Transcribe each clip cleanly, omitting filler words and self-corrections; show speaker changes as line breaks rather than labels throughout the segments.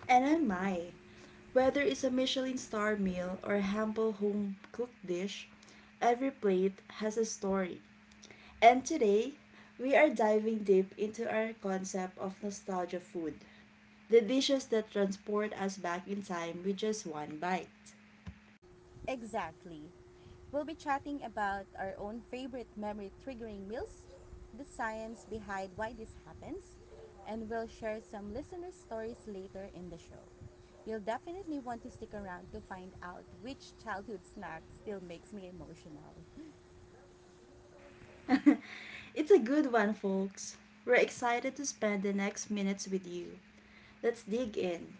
And I my, whether it's a Michelin star meal or a humble home cooked dish, every plate has a story. And today, we are diving deep into our concept of nostalgia food, the dishes that transport us back in time with just one bite.
Exactly. We'll be chatting about our own favorite memory triggering meals, the science behind why this happens, and we'll share some listener stories later in the show. You'll definitely want to stick around to find out which childhood snack still makes me emotional.
It's a good one, folks. We're excited to spend the next minutes with you. Let's dig in.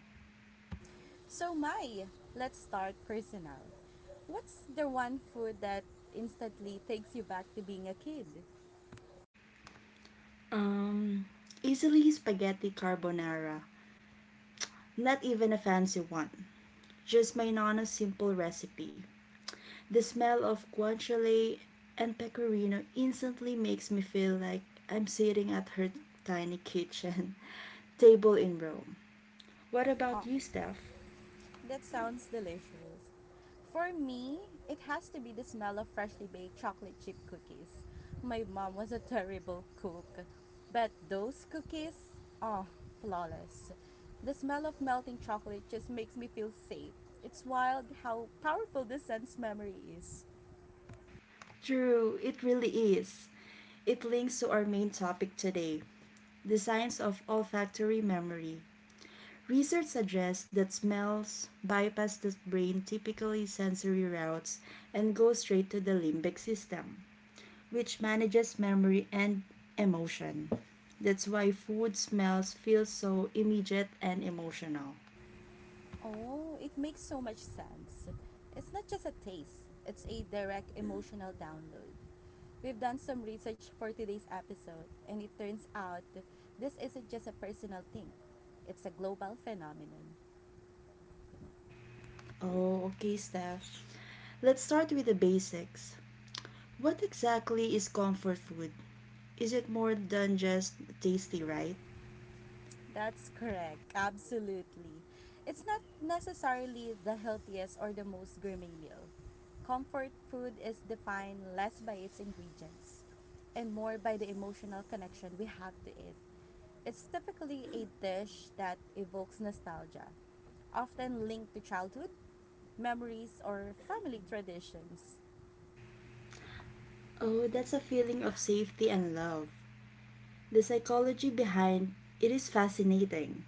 So, Mai, let's start personal. What's the one food that instantly takes you back to being a kid?
Um, Easily spaghetti carbonara. Not even a fancy one, just made on a simple recipe. The smell of guanciale and pecorino instantly makes me feel like I'm sitting at her tiny kitchen table in Rome. What
Uh,
about you, Steph?
That sounds delicious. For me, it has to be the smell of freshly baked chocolate chip cookies. My mom was a terrible cook, but those cookies, oh, flawless. The smell of melting chocolate just makes me feel safe. It's wild how powerful the sense memory is.
True, it really is. It links to our main topic today, the science of olfactory memory. Research suggests that smells bypass the brain typically sensory routes and go straight to the limbic system, which manages memory and emotion. That's why food smells feel so immediate and emotional.
Oh, it makes so much sense. It's not just a taste, it's a direct emotional download. We've done some research for today's episode, and it turns out this isn't just a personal thing, it's a global phenomenon.
Oh, okay, Steph. Let's start with the basics. What exactly is comfort food? Is it more than just tasty, right?
That's correct. Absolutely. It's not necessarily the healthiest or the most gourmet meal. Comfort food is defined less by its ingredients and more by the emotional connection we have to it. It's typically a dish that evokes nostalgia, often linked to childhood, memories, or family traditions.
Oh, that's a feeling of safety and love. The psychology behind it is fascinating.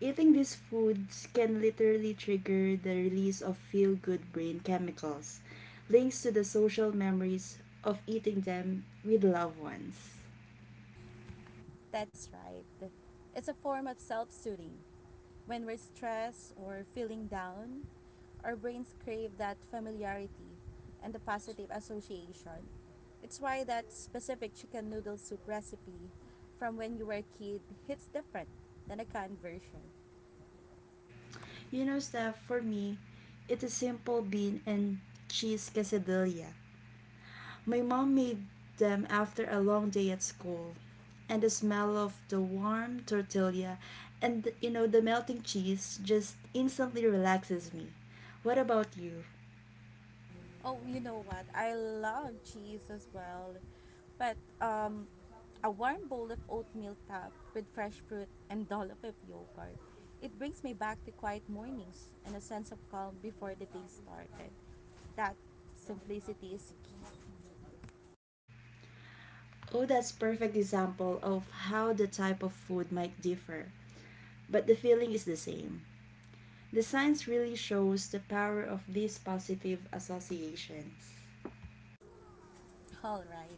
Eating these foods can literally trigger the release of feel good brain chemicals, links to the social memories of eating them with loved ones.
That's right. It's a form of self soothing. When we're stressed or feeling down, our brains crave that familiarity and the positive association. It's why that specific chicken noodle soup recipe from when you were a kid hits different than a canned version.
You know, Steph, for me, it's a simple bean and cheese quesadilla. My mom made them after a long day at school, and the smell of the warm tortilla and the melting cheese just instantly relaxes me. What about you?
Oh, you know what? I love cheese as well. But a warm bowl of oatmeal topped with fresh fruit and dollop of yogurt. It brings me back to quiet mornings and a sense of calm before the day started. That simplicity is key.
Oh, that's perfect example of how the type of food might differ, but the feeling is the same. The science really shows the power of these positive associations.
All right,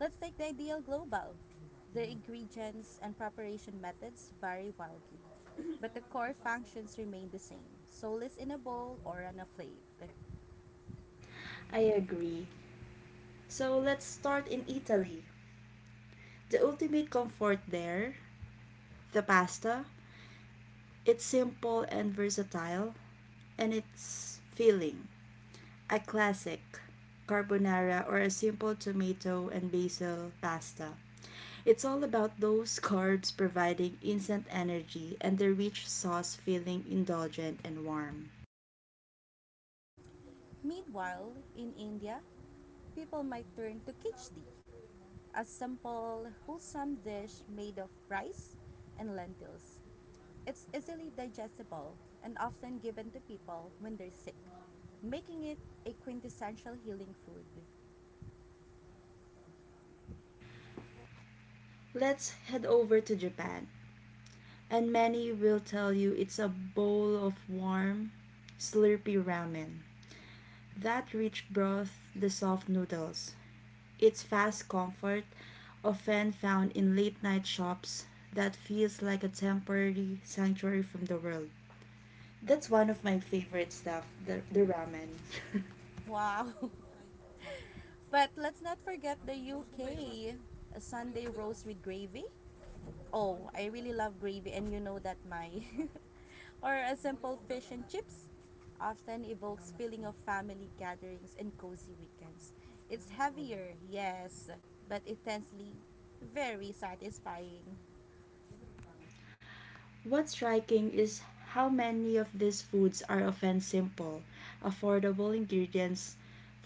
let's take the ideal global. The ingredients and preparation methods vary wildly, but the core functions remain the same. Soulless in a bowl or on a plate.
I agree. So let's start in Italy. The ultimate comfort there, the pasta. It's simple and versatile, and it's filling. A classic carbonara or a simple tomato and basil pasta. It's all about those carbs providing instant energy and the rich sauce feeling indulgent and warm.
Meanwhile, in India, people might turn to khichdi, a simple, wholesome dish made of rice and lentils. It's easily digestible and often given to people when they're sick, making it a quintessential healing food.
Let's head over to Japan. And many will tell you it's a bowl of warm, slurpy ramen. That rich broth, the soft noodles. It's fast comfort, often found in late night shops, that feels like a temporary sanctuary from the world. That's one of my favorite stuff, the ramen.
Wow! But let's not forget the UK, a Sunday roast with gravy. Oh, I really love gravy, and you know that my or a simple fish and chips often evokes feeling of family gatherings and cozy weekends. It's heavier, yes, but intensely very satisfying.
What's striking is how many of these foods are often simple, affordable ingredients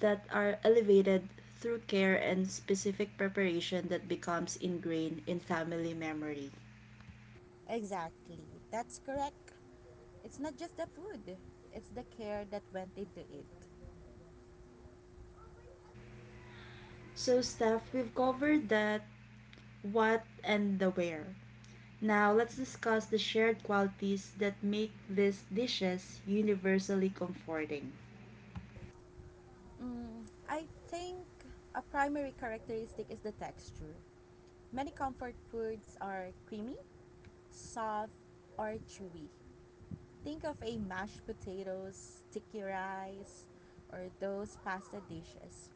that are elevated through care and specific preparation that becomes ingrained in family memory.
Exactly. That's correct. It's not just the food, it's the care that went into it.
So, Steph, we've covered that what and the where. Now, let's discuss the shared qualities that make these dishes universally comforting.
I think a primary characteristic is the texture. Many comfort foods are creamy, soft, or chewy. Think of a mashed potatoes, sticky rice, or those pasta dishes.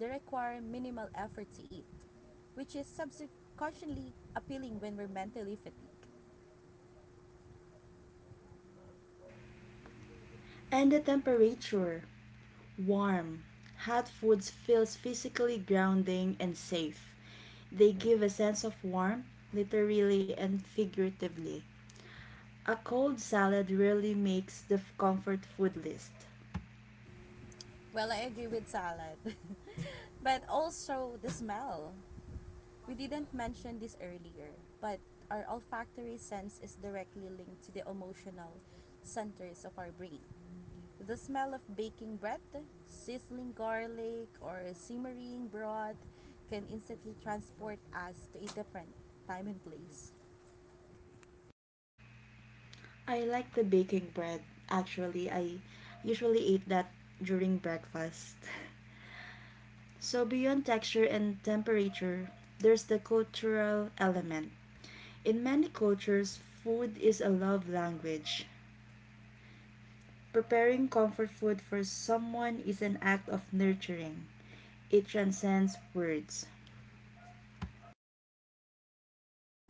They require minimal effort to eat, which is subconsciously appealing when we're mentally fatigued.
And the temperature. Warm, hot foods feels physically grounding and safe. They give a sense of warmth, literally and figuratively. A cold salad rarely makes the comfort food list.
Well, I agree with salad, but also the smell. We didn't mention this earlier, but our olfactory sense is directly linked to the emotional centers of our brain. The smell of baking bread, sizzling garlic, or simmering broth can instantly transport us to a different time and place.
I like the baking bread. Actually, I usually eat that during breakfast. So, beyond texture and temperature, there's the cultural element. In many cultures, food is a love language. Preparing comfort food for someone is an act of nurturing, it transcends words.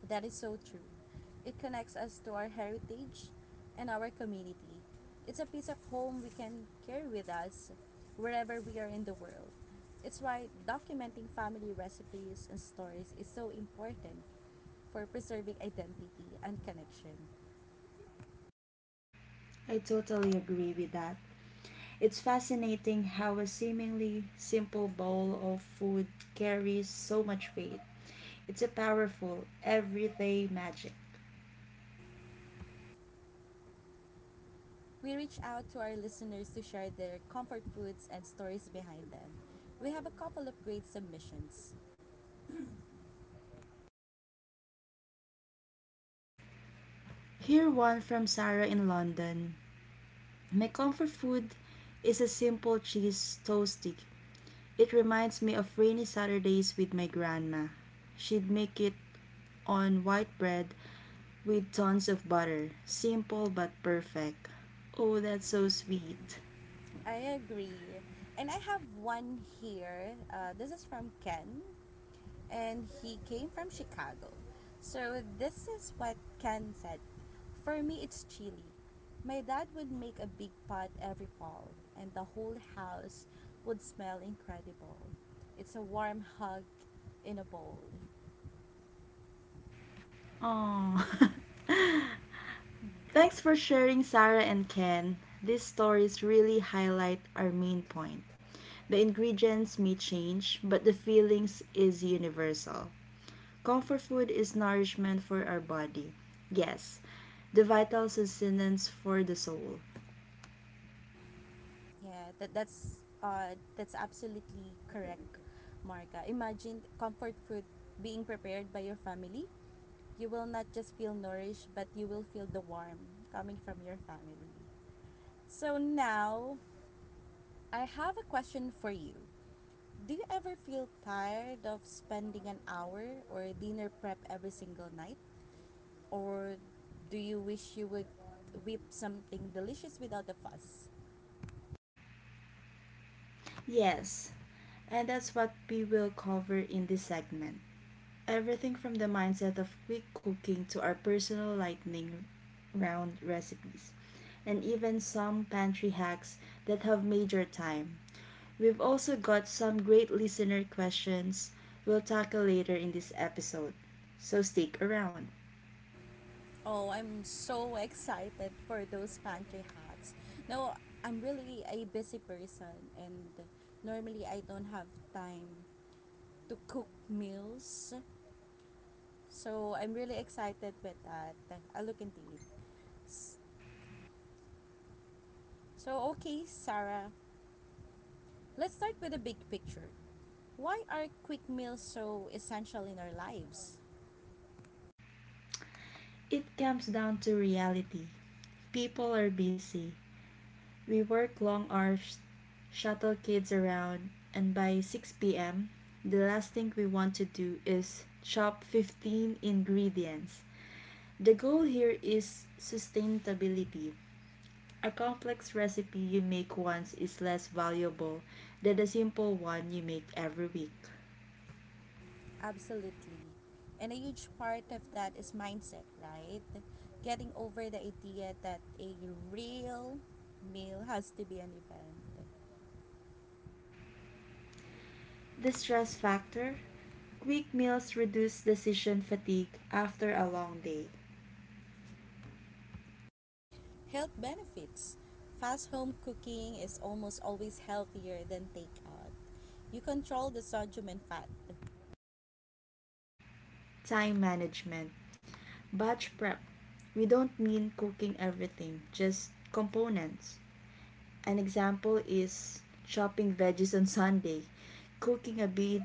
That is so true. It connects us to our heritage and our community. It's a piece of home we can carry with us wherever we are in the world. It's why documenting family recipes and stories is so important for preserving identity and connection.
I totally agree with that. It's fascinating how a seemingly simple bowl of food carries so much weight. It's a powerful, everyday magic.
We reach out to our listeners to share their comfort foods and stories behind them. We have a couple of great submissions.
Here one from Sarah in London. My comfort food is a simple cheese toastie. It reminds me of rainy Saturdays with my grandma. She'd make it on white bread with tons of butter. Simple but perfect. Oh, that's so sweet.
I agree. And I have one here. This is from Ken, and he came from Chicago. So this is what Ken said. For me, it's chili. My dad would make a big pot every fall, and the whole house would smell incredible. It's a warm hug in a bowl.
Oh. Thanks for sharing, Sarah and Ken. These stories really highlight our main point. The ingredients may change, but the feelings is universal. Comfort food is nourishment for our body. Yes. The vital sustenance for the soul.
Yeah, that's absolutely correct, Marga. Imagine comfort food being prepared by your family. You will not just feel nourished, but you will feel the warmth coming from your family. So now, I have a question for you. Do you ever feel tired of spending an hour or dinner prep every single night? Or do you wish you would whip something delicious without the fuss?
Yes. And that's what we will cover in this segment. Everything from the mindset of quick cooking to our personal lightning round recipes, and even some pantry hacks that have made your time. We've also got some great listener questions we'll tackle later in this episode, so stick around.
Oh, I'm so excited for those pantry hacks. No, I'm really a busy person and normally I don't have time to cook meals. So I'm really excited with that. I'll look into it. S- So, okay, Sarah, let's start with the big picture. Why are quick meals so essential in our lives?
It comes down to reality. People are busy. We work long hours, shuttle kids around, and by 6 p.m., the last thing we want to do is chop 15 ingredients. The goal here is sustainability. A complex recipe you make once is less valuable than a simple one you make every week.
Absolutely. And a huge part of that is mindset, right? Getting over the idea that a real meal has to be an event.
The stress factor, quick meals reduce decision fatigue after a long day.
Health benefits. Fast home cooking is almost always healthier than takeout. You control the sodium and fat.
Time management. Batch prep. We don't mean cooking everything, just components. An example is chopping veggies on Sunday, cooking a big,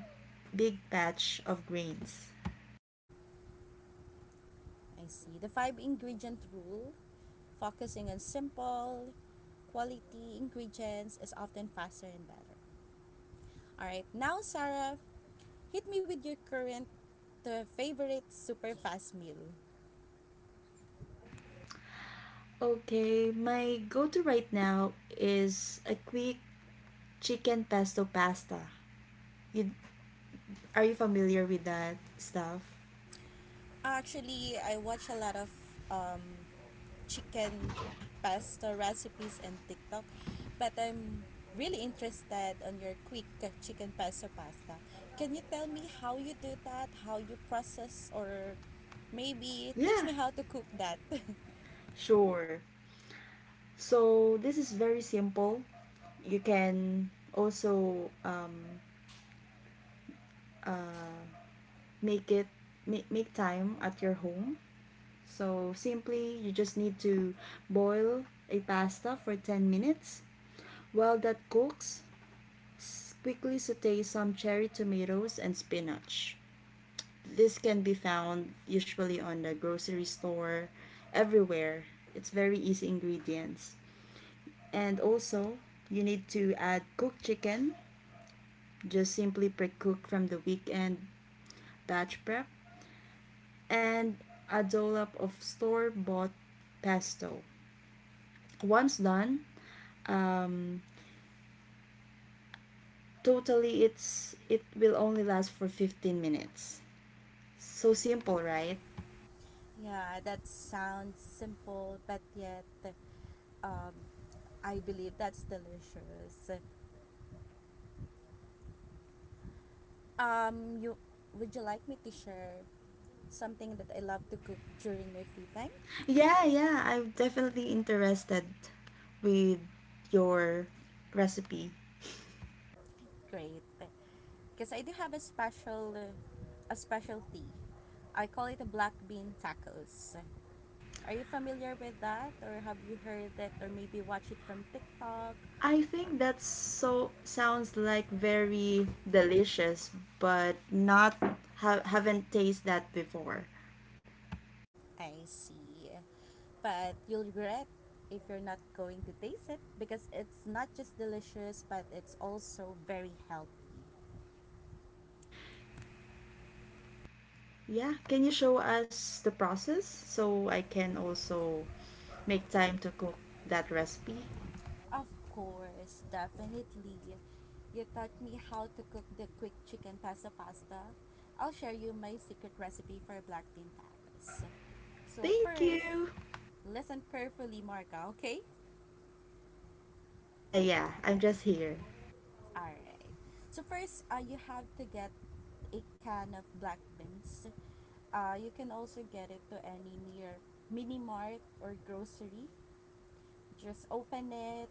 big batch of grains.
I see. The five ingredient rule, focusing on simple, quality ingredients, is often faster and better. All right, now Sarah, hit me with your current favorite super fast meal.
Okay, my go to right now is a quick chicken pesto pasta. You, are you familiar with that stuff?
Actually, I watch a lot of um, chicken pasta recipes and TikTok, but I'm really interested on your quick chicken pasta. Can you tell me how you do that? How you process or maybe teach
Yeah,
me how to cook that?
sure. So this is very simple. You can also uh, make it make time at your home, so simply you just need to boil a pasta for 10 minutes. While that cooks, quickly saute some cherry tomatoes and spinach. This can be found usually on the grocery store everywhere. It's very easy ingredients, and also you need to add cooked chicken. Just simply pre-cook from the weekend batch prep and a dollop of store-bought pesto. Once done, um, totally it will only last for 15 minutes. So simple, right?
Yeah, that sounds simple, but yet, um, I believe that's delicious. Um, you you like me to share something that I love to cook during my free time?
Yeah, yeah, I'm definitely interested with your recipe.
Great, because I do have a specialty. I call it a black bean tacos. Are you familiar with that, or have you heard it, or maybe watch it from TikTok?
I think that's so sounds like very delicious, but not haven't tasted that before.
I see. But you'll regret if you're not going to taste it because it's not just delicious, but it's also very healthy.
Yeah, can you show us the process so I can also make time to cook that recipe?
Of course, definitely. You taught me how to cook the quick chicken pasta. I'll share you my secret recipe for black bean tacos. So
Thank
first,
you.
listen carefully, Marga, okay?
Yeah, yeah,
All
I'm
right.
just here.
All right. So first, you have to get a can of black beans. You can also get it to any near mini mart or grocery. Just open it,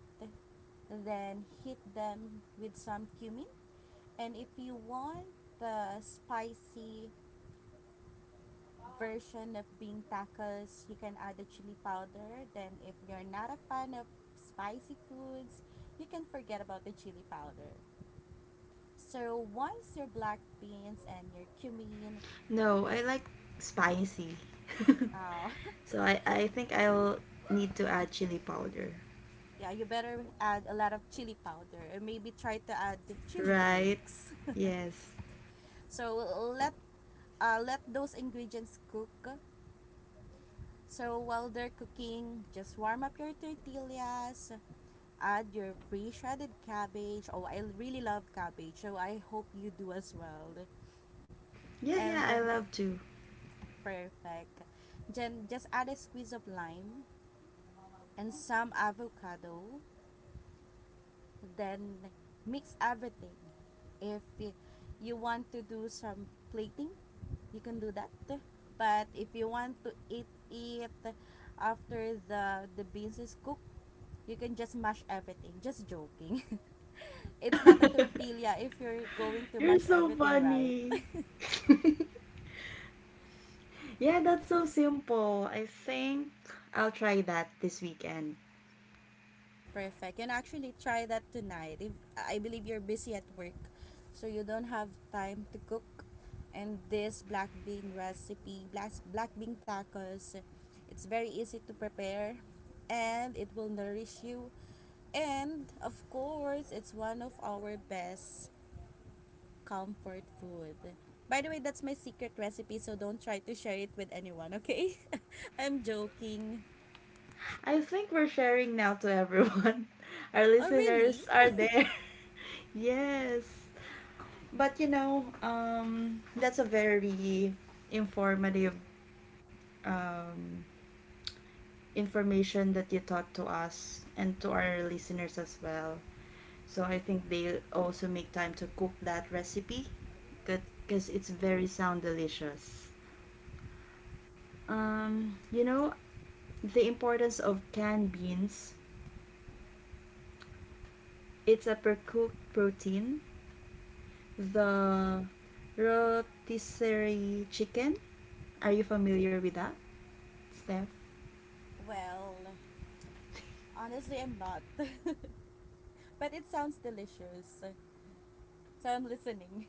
then hit them with some cumin. And if you want the spicy version of bean tacos, you can add the chili powder. Then if you're not a fan of spicy foods, you can forget about the chili powder. So once your black beans and your cumin
No,
is
I like spicy.
uh,
So I think I'll need to add chili powder.
yeah, you better add a lot of chili powder or maybe try to add the chili
Right?
flakes.
Yes.
So let let those ingredients cook. So while they're cooking, just warm up your tortillas. Add your pre-shredded cabbage. Oh, I really love cabbage, so I hope you do as well.
Yeah,
And
yeah, I love to.
perfect. Then just add a squeeze of lime and some avocado, then mix everything. If you want to do some plating, you can do that. But if you want to eat it after the beans is cooked, you can just mash everything. Just joking. It's not a tortilla if you're going to
You're
mash
so
everything, right?
funny. Yeah, that's so simple. I think I'll try that this weekend.
Perfect. And actually try that tonight. If I believe you're busy at work, so you don't have time to cook. And this black bean recipe, black bean tacos, it's very easy to prepare and it will nourish you. And of course, it's one of our best comfort food. By the way, that's my secret recipe, so don't try to share it with anyone, okay? I'm joking.
I think we're sharing now to everyone. Our
Oh, really?
listeners are there. Yes. But that's a very informative um, information that you taught to us and to our listeners as well. So I think they also make time to cook that recipe because it's very sound delicious. You know, the importance of canned beans. It's a per cooked protein, the rotisserie chicken. Are you familiar with that, Steph?
Well, honestly, I'm not. But it sounds delicious. So I'm listening.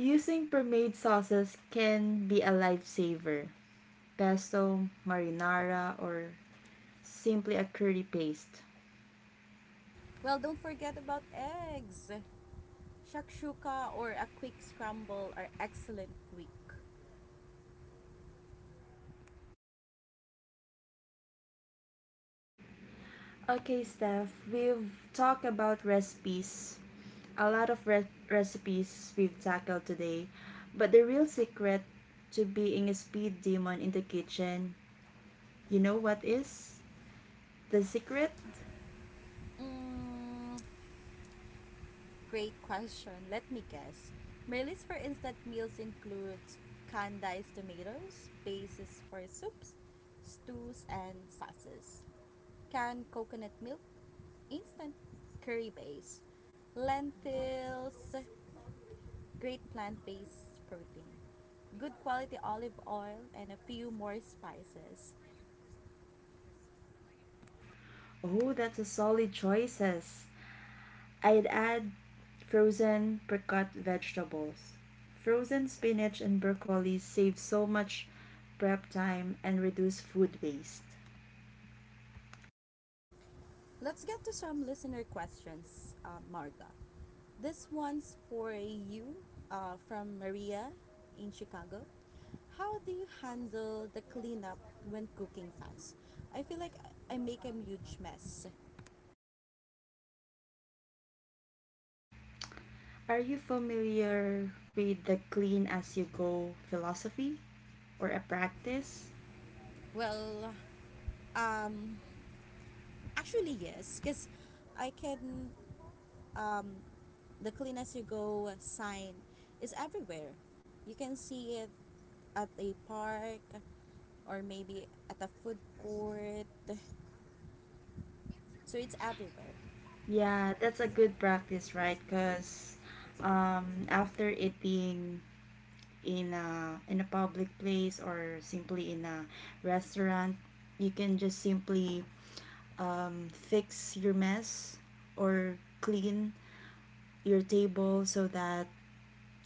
Using pre-made sauces can be a lifesaver. Pesto, marinara, or simply a curry paste.
Well, don't forget about eggs. Shakshuka or a quick scramble are excellent quick.
Okay, Steph, we've talked about recipes, a lot of recipes we've tackled today, but the real secret to being a speed demon in the kitchen, you know what is? The secret?
Mm, great question. Let me guess. My list for instant meals includes canned diced tomatoes, bases for soups, stews, and sauces, canned coconut milk, instant curry base, lentils, great plant-based protein, good quality olive oil, and a few more spices.
Oh, that's a solid choices. I'd add frozen pre-cut vegetables. Frozen spinach and broccoli save so much prep time and reduce food waste.
Let's get to some listener questions, Marga. This one's for you from Maria in Chicago. How do you handle the cleanup when cooking fast? I feel like I make a huge mess.
Are you familiar with the clean as you go philosophy or a practice?
Well, um, actually yes, because I can um, the clean as you go sign is everywhere. You can see it at a park or maybe at a food court. So it's everywhere.
Yeah, that's a good practice, right? Because after eating in a public place or simply in a restaurant, you can just simply fix your mess or clean your table, so that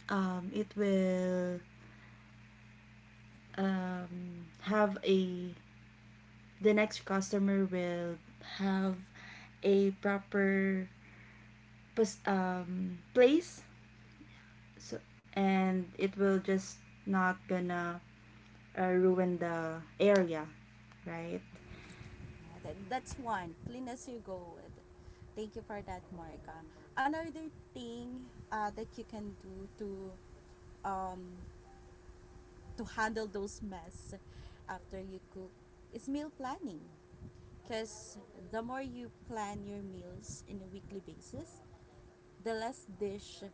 it will have a the next customer will have a proper place. So and it will just not gonna ruin the area, right?
Yeah, that's one. Clean as you go. Thank you for that, Marika. Another thing that you can do to um, to handle those mess after you cook is meal planning. Because the more you plan your meals in a weekly basis, the less dish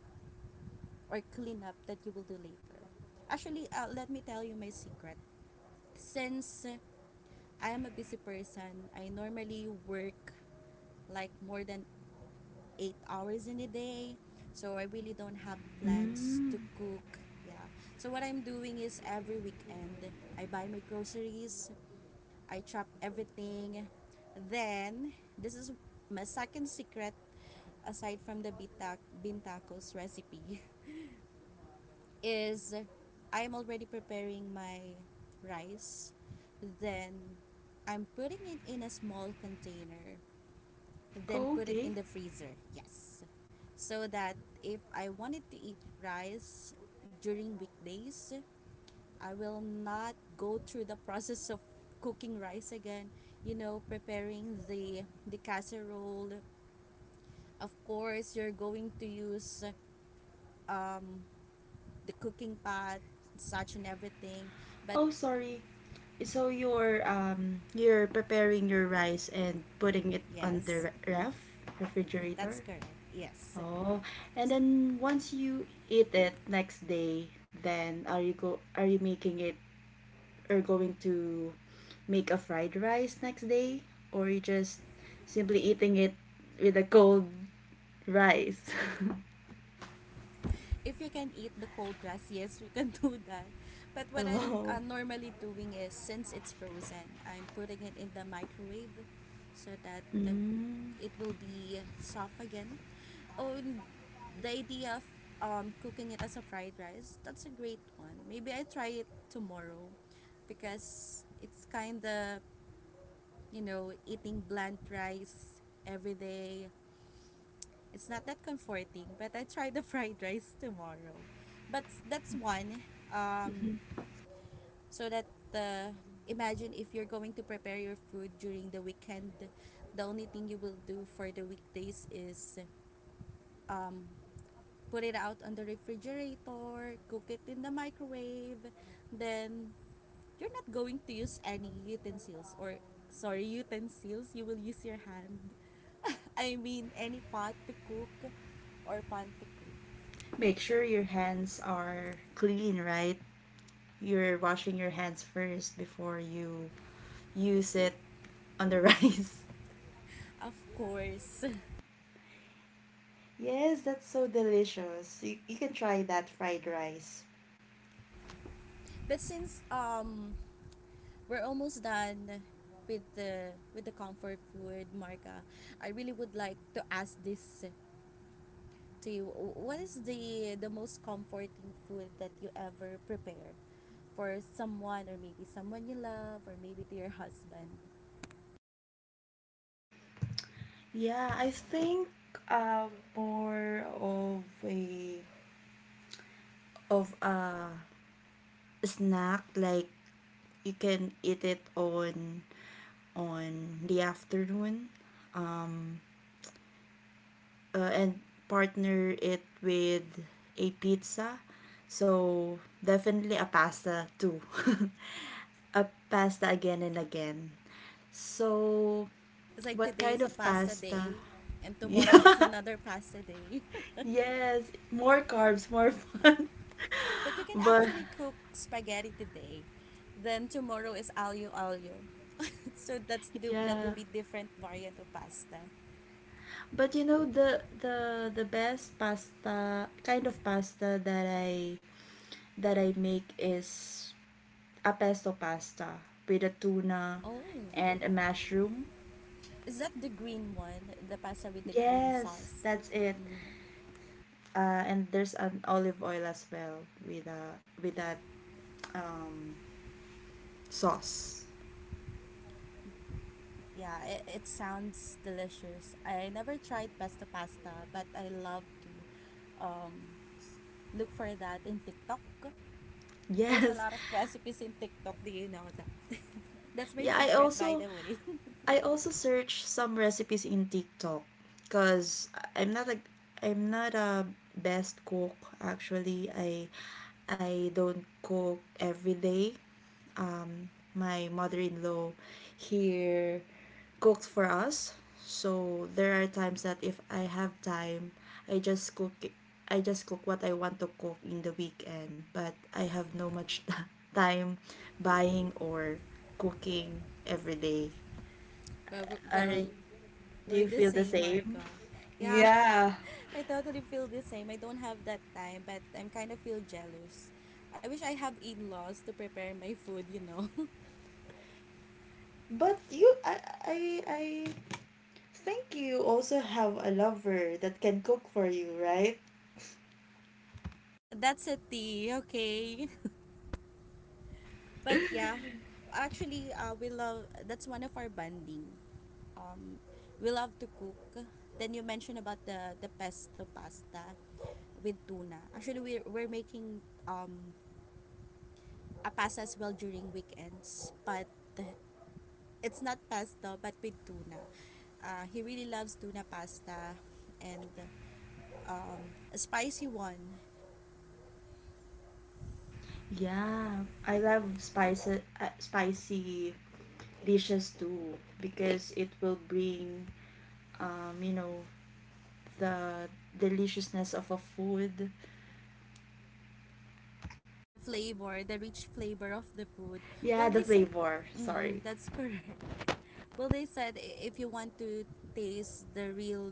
or cleanup that you will do later. Actually, let me tell you my secret. Since I am a busy person, I normally work like more than 8 hours in a day. So I really don't have plans to
Mm.
cook. Yeah. So what I'm doing is every weekend I buy my groceries, I chop everything. Then this is my second secret, aside from the bintacos recipe, is I am already preparing my rice. Then I'm putting it in a small container. Then put it
Okay.
in the freezer. Yes. So that if I wanted to eat rice during weekdays, I will not go through the process of cooking rice again. Preparing the casserole. Of course, you're going to use um, the cooking pot, such and everything. But
Oh, sorry. So you're preparing your rice and putting it on
yes,
the
that's
refrigerator.
correct. Yes.
Oh, and then once you eat it next day, then are you making it or going to make a fried rice next day, or you just simply eating it with a cold rice?
If you can eat the cold rice, yes, we can do that. But what I'm
Oh.
normally doing is since it's frozen, I'm putting it in the microwave so that
Mm.
it will be soft again. Oh, and the idea of cooking it as a fried rice, that's a great one. Maybe I try it tomorrow because it's kind of, eating bland rice every day. It's not that comforting, but I try the fried rice tomorrow. But that's one. Um, so that uh, imagine if you're going to prepare your food during the weekend, the only thing you will do for the weekdays is um, put it out on the refrigerator, cook it in the microwave, then you're not going to use any utensils, or sorry utensils you will use your hand, any pot to cook or pan to cook
Make sure your hands are clean, right? You're washing your hands first before you use it on the rice.
of course.
Yes, that's so delicious. You can try that fried rice.
But since we're almost done with the comfort food, Marka, I really would like to ask this to you. What is the most comforting food that you ever prepare for someone, or maybe someone you love, or maybe to your husband?
Yeah, I think uh, more of a snack. Like you can eat it on the afternoon. Um, and partner it with a pizza. So definitely a pasta too. A pasta again and again. So
It's like
what
today
kind
is a
of
pasta
pasta?
day and tomorrow is
Yeah.
another pasta day.
Yes, more carbs, more fun.
But you can
But
actually cook spaghetti today. Then tomorrow is aglio aglio. So that's the, that
yeah.
will be different variant of pasta.
But you know, the best pasta, kind of pasta that I make is a pesto pasta with a tuna
Oh,
and a mushroom.
is that the green one? The pasta with the green
Yes,
sauce.
that's it.
Mm.
And there's an olive oil as well with a with that um, sauce.
Yeah, it sounds delicious. I never tried pesto pasta, but I love to um, s- look for that in TikTok. There's a
Yes.
lot of recipes in TikTok. Do you know that? That's my
Yeah,
secret, by the way.
I also search some recipes in TikTok because I'm not like I'm not a best cook actually. I don't cook every day. My mother-in-law here cooked for us. So there are times that if I have time, I just cook I just cook what I want to cook in the weekend, but I have no much time buying or cooking every day. Are
Well,
do
we're
you
the
feel the
same,
same?
Marga. Yeah,
Yeah,
I totally feel the same. I don't have that time, but I'm kind of feel jealous. I wish I have in-laws to prepare my food, you know.
but you, I think you also have a lover that can cook for you, right?
That's a tea, okay? But yeah, actually, we love, that's one of our bonding. Um, we love to cook. Then you mentioned about the pesto pasta with tuna. Actually, we're making um a pasta as well during weekends, but it's not pesto but with tuna. He really loves tuna pasta and um, a spicy one.
Yeah, I love spicy spicy dishes too because it will bring you know the deliciousness of a food.
The flavor, the rich flavor of the food.
Yeah,
Well,
the
they said,
flavor.
mm
Sorry.
that's correct. Well, they said if you want to taste the real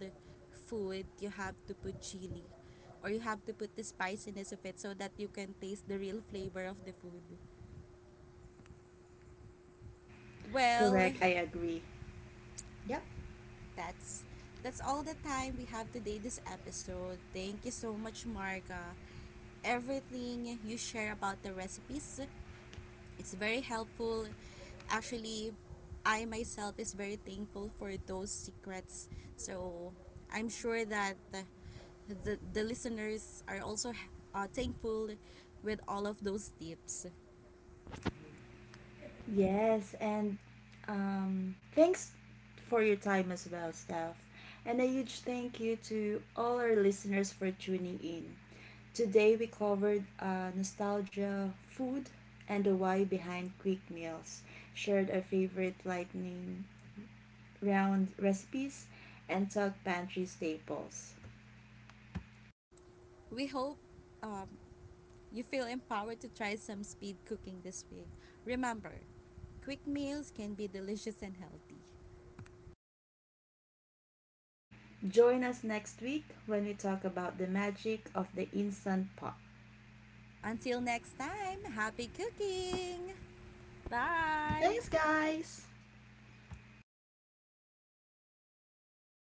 food, you have to put chili or you have to put the spiciness of it so that you can taste the real flavor of the food. Well,
Correct, I agree. Yep.
that's that's all the time we have today this episode. Thank you so much, Marga. Everything you share about the recipes, it's very helpful. Actually, I myself is very thankful for those secrets. So I'm sure that the listeners are also thankful with all of those tips.
Yes, and thanks for your time as well, Steph. And a huge thank you to all our listeners for tuning in. Today we covered nostalgia, food, and the why behind quick meals, shared our favorite lightning round recipes, and talked pantry staples.
We hope um, you feel empowered to try some speed cooking this week. Remember, quick meals can be delicious and healthy.
Join us next week when we talk about the magic of the instant pot.
Until next time, happy cooking! Bye!
Thanks, guys!